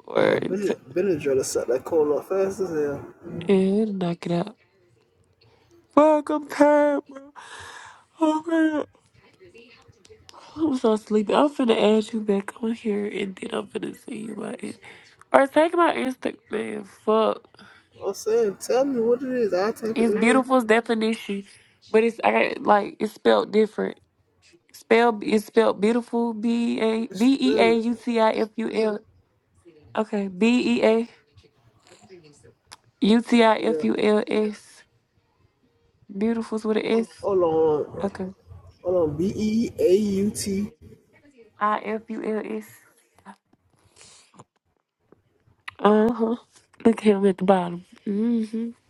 [SPEAKER 1] or
[SPEAKER 4] Yeah,
[SPEAKER 1] t-
[SPEAKER 4] Benad- Benadryl to suck that cold off fast as hell.
[SPEAKER 1] yeah, it'll knock it out. Fuck, I'm tired, bro. Oh man, I'm so sleepy. I'm finna add you back on here, and then I'm finna see you about it. Or take my Instagram. Man, fuck.
[SPEAKER 4] I'm saying, tell me what it is. I'll type it
[SPEAKER 1] It's
[SPEAKER 4] in there.
[SPEAKER 1] beautiful's definition, but it's I got like it's spelled different. Spell it's spelled beautiful. B a b e
[SPEAKER 4] Spell
[SPEAKER 1] a
[SPEAKER 4] it.
[SPEAKER 1] u t i f u l. Okay, B E A. U T I F
[SPEAKER 4] Yeah.
[SPEAKER 1] U L S. Beautifuls with an S.
[SPEAKER 4] Hold on.
[SPEAKER 1] Okay.
[SPEAKER 4] Hold on. B E A U T
[SPEAKER 1] I F U L S. Uh huh. Look at him at the bottom. Mm-hmm.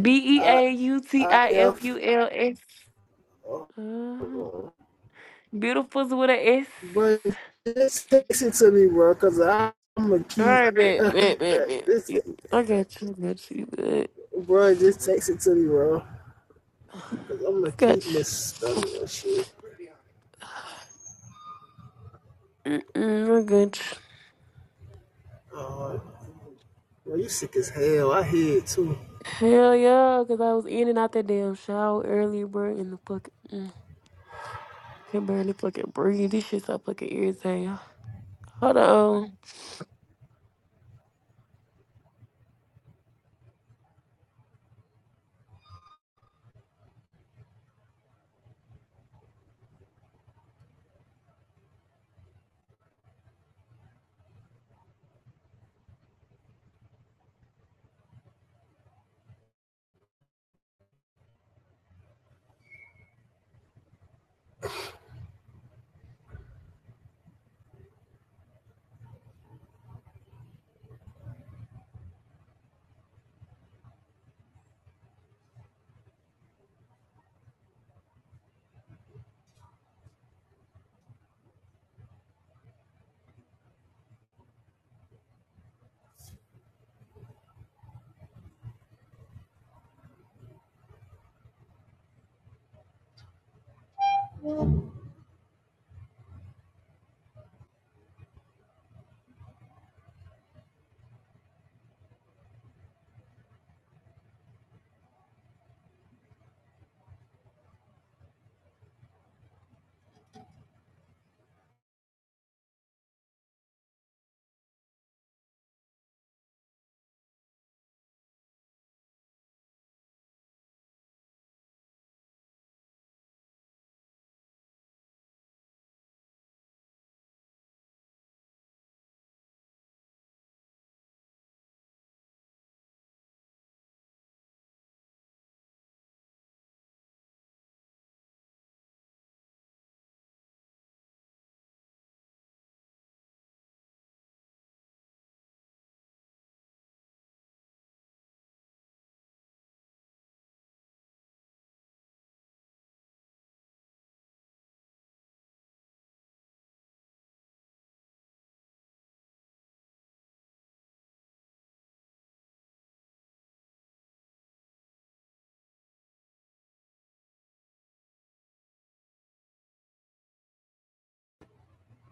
[SPEAKER 1] B E
[SPEAKER 4] I
[SPEAKER 1] A U T
[SPEAKER 4] I
[SPEAKER 1] I F U
[SPEAKER 4] F.
[SPEAKER 1] L S.
[SPEAKER 4] Hold
[SPEAKER 1] Uh-huh.
[SPEAKER 4] on.
[SPEAKER 1] Beautifuls with an S.
[SPEAKER 4] Bro, just text it to me, bro, because I'm going to
[SPEAKER 1] All
[SPEAKER 4] keep.
[SPEAKER 1] right, bet, bet, bet, bet.
[SPEAKER 4] this,
[SPEAKER 1] I got you. I got you. Bet.
[SPEAKER 4] bro, just text it to me, bro.
[SPEAKER 1] I
[SPEAKER 4] Because I'm going to
[SPEAKER 1] got
[SPEAKER 4] keep
[SPEAKER 1] you.
[SPEAKER 4] misspelling that shit.
[SPEAKER 1] Mm-mm, I got you.
[SPEAKER 4] Uh, Well, you sick as hell. I hear it too.
[SPEAKER 1] Hell yeah, because I was in and out that damn shower earlier, bro, in the fuck. Can barely fucking breathe. This shit so fucking irritating. Hold on.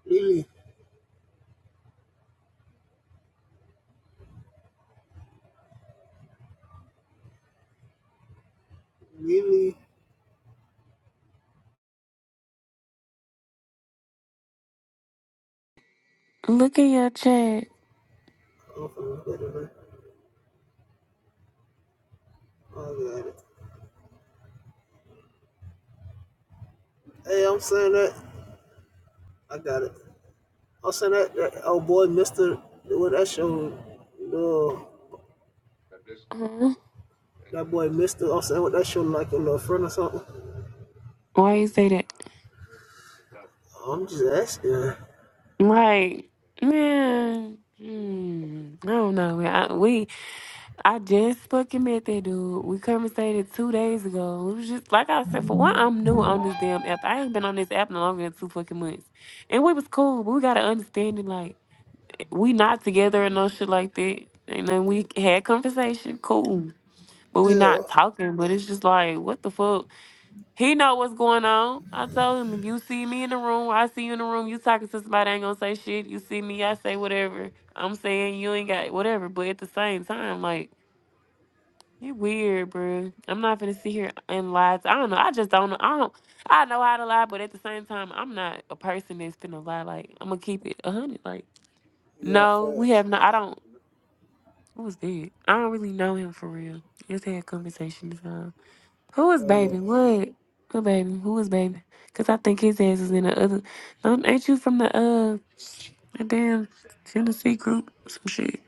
[SPEAKER 4] Lily, Lily,
[SPEAKER 1] Look in your chat.
[SPEAKER 4] I'm finna look I got it. Hey, I'm saying that. I got it. I'm saying that, that oh boy, Mister, what that show? No,
[SPEAKER 1] Huh?
[SPEAKER 4] that boy, Mister. I'm saying what that show like your little friend or something.
[SPEAKER 1] Why you say that?
[SPEAKER 4] I'm just asking.
[SPEAKER 1] Like, man. Hmm, I don't know, man. I, we, I just fucking met that dude. We conversated two days ago. It was just like I said. For one, I'm new on this damn app. I ain't been on this app no longer than two fucking months, and we was cool. But we got to understand it. Like, we not together and no shit like that. And then we had conversation. Cool. but we
[SPEAKER 4] Yeah.
[SPEAKER 1] not talking. But it's just like, what the fuck? He know what's going on. I told him, if you see me in the room, I see you in the room. You talking to somebody, I ain't gonna say shit. You see me, I say whatever. I'm saying you ain't got whatever. But at the same time, like, you weird, bruh. I'm not gonna sit here and lie. To, I don't know. I just don't know. I don't. I know how to lie, but at the same time, I'm not a person that's finna lie. Like, I'm gonna keep it a hundred. Like,
[SPEAKER 4] Yeah,
[SPEAKER 1] no, we
[SPEAKER 4] facts.
[SPEAKER 1] have not. I don't. Who's dead? I don't really know him for real. Just had a conversation this time. Who is
[SPEAKER 4] Oh yeah.
[SPEAKER 1] baby? What? What baby? Who is baby? Cause I think his ass is in the other. Don't, ain't you from the uh the damn Tennessee group? Some shit.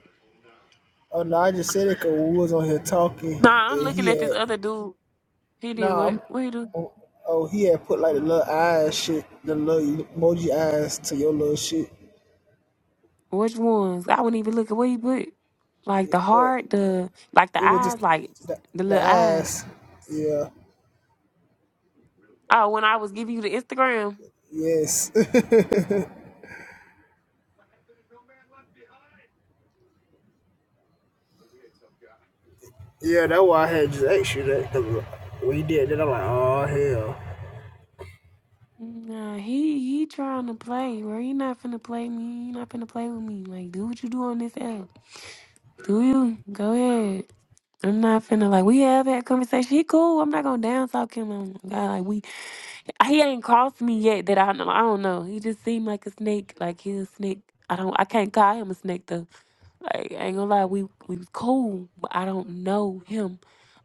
[SPEAKER 4] Oh no, I just said it 'cause we was on here talking
[SPEAKER 1] Nah, I'm
[SPEAKER 4] and he
[SPEAKER 1] looking at this
[SPEAKER 4] had
[SPEAKER 1] other dude. He did
[SPEAKER 4] nah
[SPEAKER 1] what?
[SPEAKER 4] I'm
[SPEAKER 1] What he do?
[SPEAKER 4] oh, oh he had put like the little eyes shit, the little emoji eyes to your little shit.
[SPEAKER 1] Which ones? I wouldn't even look at what he put. Like
[SPEAKER 4] Yeah,
[SPEAKER 1] the
[SPEAKER 4] uh,
[SPEAKER 1] heart, the like the
[SPEAKER 4] it was just
[SPEAKER 1] eyes, like
[SPEAKER 4] the,
[SPEAKER 1] the
[SPEAKER 4] the
[SPEAKER 1] little eyes.
[SPEAKER 4] eyes. Yeah.
[SPEAKER 1] Oh, when I was giving you the Instagram.
[SPEAKER 4] Yes. yeah, that's why I had just asked you that because we did that. I'm like, oh hell.
[SPEAKER 1] Nah, he he trying to play, bro. He not finna play me. He not finna play with me. Like, do what you do on this app. Do you? Go ahead. I'm not finna like we have had conversation. He cool. I'm not gonna down talk him. Oh my God, like we he ain't crossed me yet that I know. I don't know. He just seemed like a snake. Like he's a snake. I don't. I can't call him a snake though. Like I ain't gonna lie, we we was cool, but I don't know him.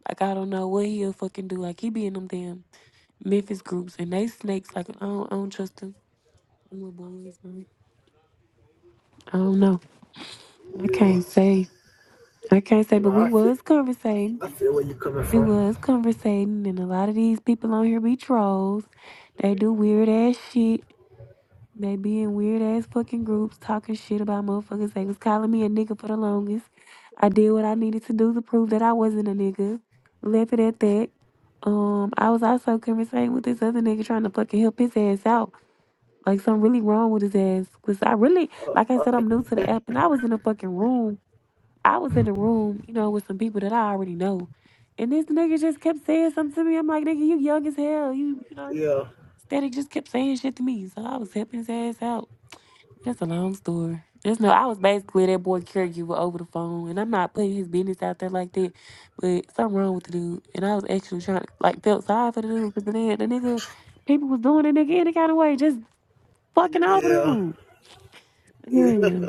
[SPEAKER 1] Like I don't know what he'll fucking do. Like he be in them damn Memphis groups and they snakes. Like I don't, I don't trust them. Them little boys, man. I don't know. I
[SPEAKER 4] Yeah.
[SPEAKER 1] can't say. I can't say.
[SPEAKER 4] No,
[SPEAKER 1] But we
[SPEAKER 4] I feel
[SPEAKER 1] was conversating.
[SPEAKER 4] I feel where you coming
[SPEAKER 1] We
[SPEAKER 4] from.
[SPEAKER 1] was conversating, and a lot of these people on here be trolls. They do weird ass shit. They be in weird ass fucking groups talking shit about motherfuckers. They was calling me a nigga for the longest. I did what I needed to do to prove that I wasn't a nigga. Left it at that. Um, I was also conversating with this other nigga trying to fucking help his ass out. Like something really wrong with his ass. Cause I really, like I said, I'm new to the app, and I was in a fucking room I was in a room, you know, with some people that I already know. And this nigga just kept saying something to me. I'm like, nigga, you young as hell. You, you know,
[SPEAKER 4] Yeah.
[SPEAKER 1] Static just kept saying shit to me. So I was helping his ass out. That's a long story. There's no, I was basically that boy caregiver over the phone. And I'm not putting his business out there like that. But something wrong with the dude. And I was actually trying to, like, felt sorry for the dude. Because the nigga, the nigga- people was doing the nigga any kind of way. Just fucking over
[SPEAKER 4] Yeah.
[SPEAKER 1] the dude.
[SPEAKER 4] Yeah.
[SPEAKER 1] Yeah.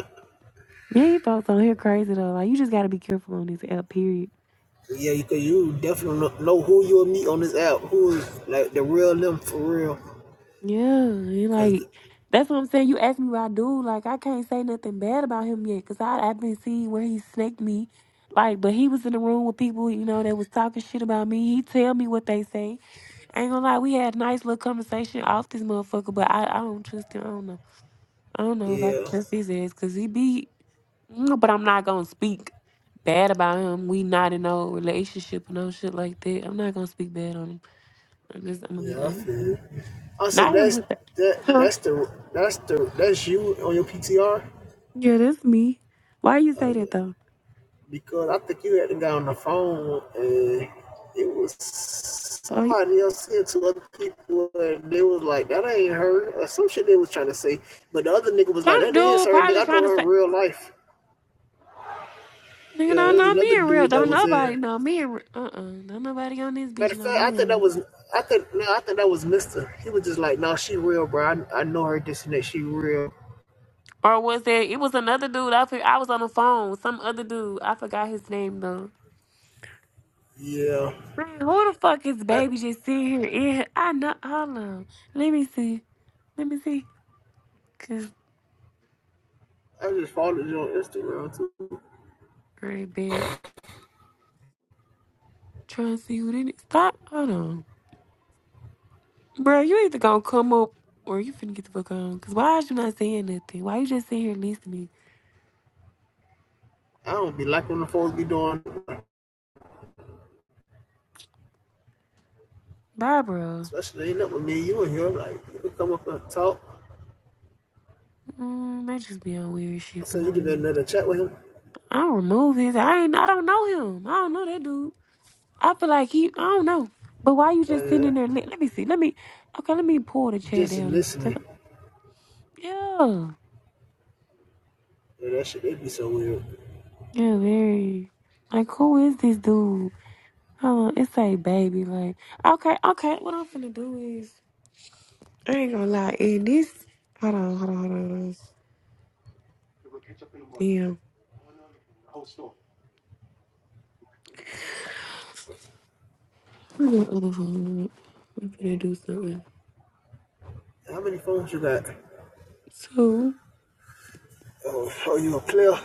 [SPEAKER 1] Yeah, you folks on here crazy though. Like, you just gotta be careful on this app, period.
[SPEAKER 4] Yeah, because you definitely kno- know who you'll meet on this app. Who is like the real them for real?
[SPEAKER 1] Yeah, and
[SPEAKER 4] Cause
[SPEAKER 1] like that's what I'm saying. You asked me what I do. Like I can't say nothing bad about him yet, cause I I've been seeing where he snaked me. Like, but he was in the room with people, you know, that was talking shit about me. He tell me what they say. I ain't gonna lie, we had a nice little conversation off this motherfucker, but I, I don't trust him. I don't know. I don't know if I can
[SPEAKER 4] yeah.
[SPEAKER 1] trust his ass, cause he be. Mm, But I'm not gonna speak bad about him. We not in no relationship or no shit like that. I'm not gonna speak bad on him. I'm just I'm gonna be
[SPEAKER 4] Yeah, I feel.
[SPEAKER 1] honest.
[SPEAKER 4] You. I said
[SPEAKER 1] Not him,
[SPEAKER 4] that's
[SPEAKER 1] but
[SPEAKER 4] that
[SPEAKER 1] that.
[SPEAKER 4] that's the that's the that's you on your PTR.
[SPEAKER 1] Yeah, that's me. Why you say
[SPEAKER 4] Oh yeah.
[SPEAKER 1] that though?
[SPEAKER 4] because I think you had to got on the phone and it was
[SPEAKER 1] Oh, y-
[SPEAKER 4] somebody else said to other people and they was like, that ain't her or some shit they was trying to say. But the other nigga was like,
[SPEAKER 1] some
[SPEAKER 4] that is
[SPEAKER 1] dude
[SPEAKER 4] her
[SPEAKER 1] probably
[SPEAKER 4] nigga. I know
[SPEAKER 1] trying to
[SPEAKER 4] her in
[SPEAKER 1] say,
[SPEAKER 4] real life.
[SPEAKER 1] nigga,
[SPEAKER 4] Yeah, it
[SPEAKER 1] don't
[SPEAKER 4] was
[SPEAKER 1] know me
[SPEAKER 4] another
[SPEAKER 1] in real.
[SPEAKER 4] dude that
[SPEAKER 1] Don't
[SPEAKER 4] was
[SPEAKER 1] nobody
[SPEAKER 4] there.
[SPEAKER 1] know me in real. Uh-uh. Don't nobody on this bitch
[SPEAKER 4] Matter of
[SPEAKER 1] know
[SPEAKER 4] fact,
[SPEAKER 1] me in
[SPEAKER 4] I think that
[SPEAKER 1] real.
[SPEAKER 4] was I think no, I think that was Mister. He was just like, no, she real, bro. I, I know her this and that. She real.
[SPEAKER 1] Or was there, it was another dude. I, fi- I was on the phone with some other dude. I forgot his name though.
[SPEAKER 4] Yeah.
[SPEAKER 1] Man, who the fuck is
[SPEAKER 4] I
[SPEAKER 1] baby just sitting here? in here? I know. Hold on. Let me see. Let me see. Cause
[SPEAKER 4] I just followed you on Instagram too.
[SPEAKER 1] great big. Trying to see who did it. Stop. Hold on. Bro, you either gonna come up or you finna get the fuck on. Cause why is you not saying nothing? Why you just sitting here listening?
[SPEAKER 4] I don't be liking the folks be doing.
[SPEAKER 1] Bye, bro.
[SPEAKER 4] Especially ain't up with me and you in here. Like, you could come up and talk.
[SPEAKER 1] Mm, they just be on weird shit
[SPEAKER 4] I
[SPEAKER 1] for
[SPEAKER 4] said,
[SPEAKER 1] no
[SPEAKER 4] you'd have been
[SPEAKER 1] reason.
[SPEAKER 4] another chat with him.
[SPEAKER 1] I don't remove his. I ain't. I don't know him. I don't know that dude. I feel like he. I don't know. But why you just
[SPEAKER 4] Oh,
[SPEAKER 1] sitting
[SPEAKER 4] yeah.
[SPEAKER 1] there? Let, let me see. Let me. Okay, let me pull the chat
[SPEAKER 4] Just
[SPEAKER 1] down and. see.
[SPEAKER 4] listening.
[SPEAKER 1] Yeah.
[SPEAKER 4] Yeah, that shit, it'd be so weird.
[SPEAKER 1] Yeah. Very. Like, who is this dude? Hold on. It's a baby. Like, okay, okay. What I'm finna do is. I ain't gonna lie. And this, hold on, hold on, hold on. Hold on. Damn, I'm gonna, uh, I'm gonna do something.
[SPEAKER 4] How many phones you got?
[SPEAKER 1] Two.
[SPEAKER 4] Oh, oh you a player?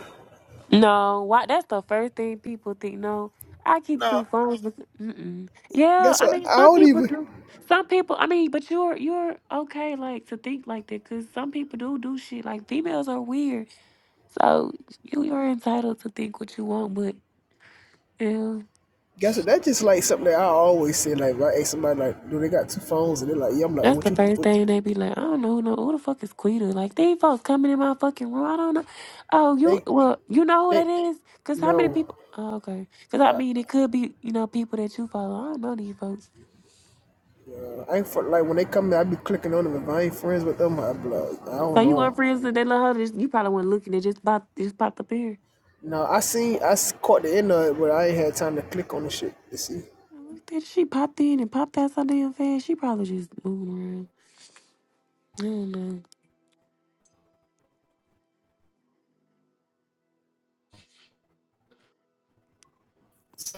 [SPEAKER 1] No, why? That's the first thing people think. No, I keep
[SPEAKER 4] No.
[SPEAKER 1] two phones. But, mm-mm. Yeah,
[SPEAKER 4] Guess
[SPEAKER 1] I
[SPEAKER 4] what?
[SPEAKER 1] mean,
[SPEAKER 4] I
[SPEAKER 1] some
[SPEAKER 4] don't
[SPEAKER 1] people
[SPEAKER 4] even.
[SPEAKER 1] do. Some people, I mean, but you're you're okay, like to think like that, because some people do do shit. Like females are weird, so you you're entitled to think what you want, but yeah.
[SPEAKER 4] I just like saying like, right? Hey, somebody like, do they got two phones? And they're like, yeah. I'm like, oh,
[SPEAKER 1] That's
[SPEAKER 4] what
[SPEAKER 1] the
[SPEAKER 4] you?
[SPEAKER 1] first
[SPEAKER 4] What,
[SPEAKER 1] thing they be like, I don't know, no, who the fuck is Quita? Like, these folks coming in my fucking room. I don't know. Oh, you,
[SPEAKER 4] they,
[SPEAKER 1] well, you know who
[SPEAKER 4] they,
[SPEAKER 1] that is? Because how many
[SPEAKER 4] no.
[SPEAKER 1] people? Oh, okay. Because I mean, it could be, you know, people that you follow. I don't know these folks.
[SPEAKER 4] Uh, I ain't for like when they come in, I be clicking on them. If I ain't friends with them, I be like, I
[SPEAKER 1] So
[SPEAKER 4] don't
[SPEAKER 1] you weren't
[SPEAKER 4] know.
[SPEAKER 1] friends with that little hoe, that you probably weren't looking, it just popped, just popped up here.
[SPEAKER 4] No, I seen, I caught the end of it, but I ain't had time to click on the shit to see.
[SPEAKER 1] I looked at it, she popped in and popped out so damn fast. She probably just moving around. I don't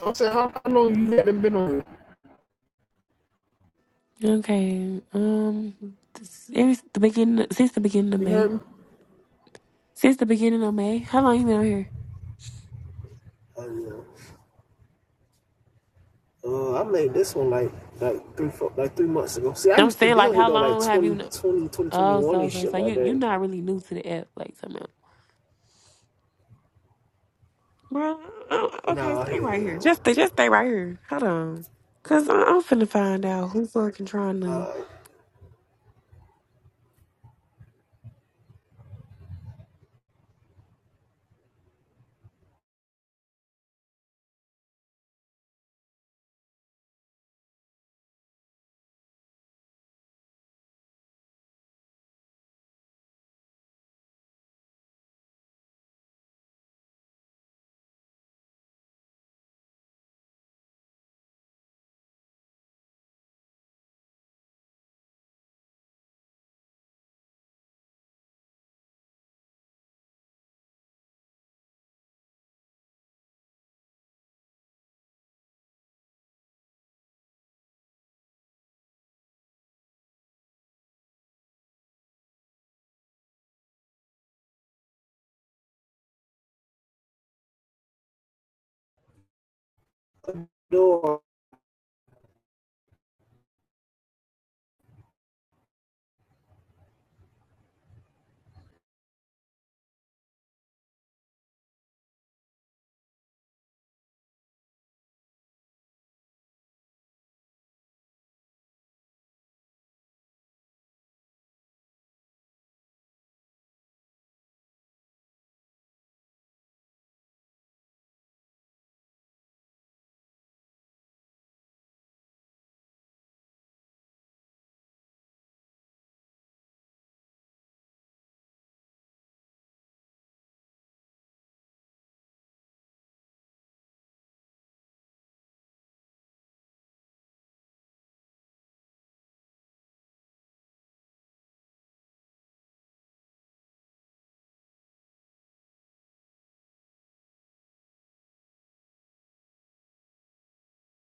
[SPEAKER 4] I said, how, how long you haven't been on it?
[SPEAKER 1] know. Okay. Um, this, every, the beginning, since the beginning of
[SPEAKER 4] You
[SPEAKER 1] May.
[SPEAKER 4] heard me?
[SPEAKER 1] Since the beginning of May. How long you been out here?
[SPEAKER 4] I know. Uh, I made this one like like three four, like three months ago. See, I
[SPEAKER 1] I'm
[SPEAKER 4] used to
[SPEAKER 1] saying
[SPEAKER 4] be
[SPEAKER 1] like,
[SPEAKER 4] on here
[SPEAKER 1] how
[SPEAKER 4] though like
[SPEAKER 1] long have you?
[SPEAKER 4] twenty,
[SPEAKER 1] Know?
[SPEAKER 4] twenty, twenty,
[SPEAKER 1] Oh,
[SPEAKER 4] twenty-one
[SPEAKER 1] so
[SPEAKER 4] and
[SPEAKER 1] okay,
[SPEAKER 4] shit
[SPEAKER 1] so you
[SPEAKER 4] like
[SPEAKER 1] you are
[SPEAKER 4] that.
[SPEAKER 1] not really new to the app, like something. Bro, oh, okay,
[SPEAKER 4] Nah, I
[SPEAKER 1] stay
[SPEAKER 4] hear it
[SPEAKER 1] right here. Just just stay right here. Hold on, cause I, I'm finna find out who fucking trying
[SPEAKER 4] now.
[SPEAKER 1] to.
[SPEAKER 4] Uh, no,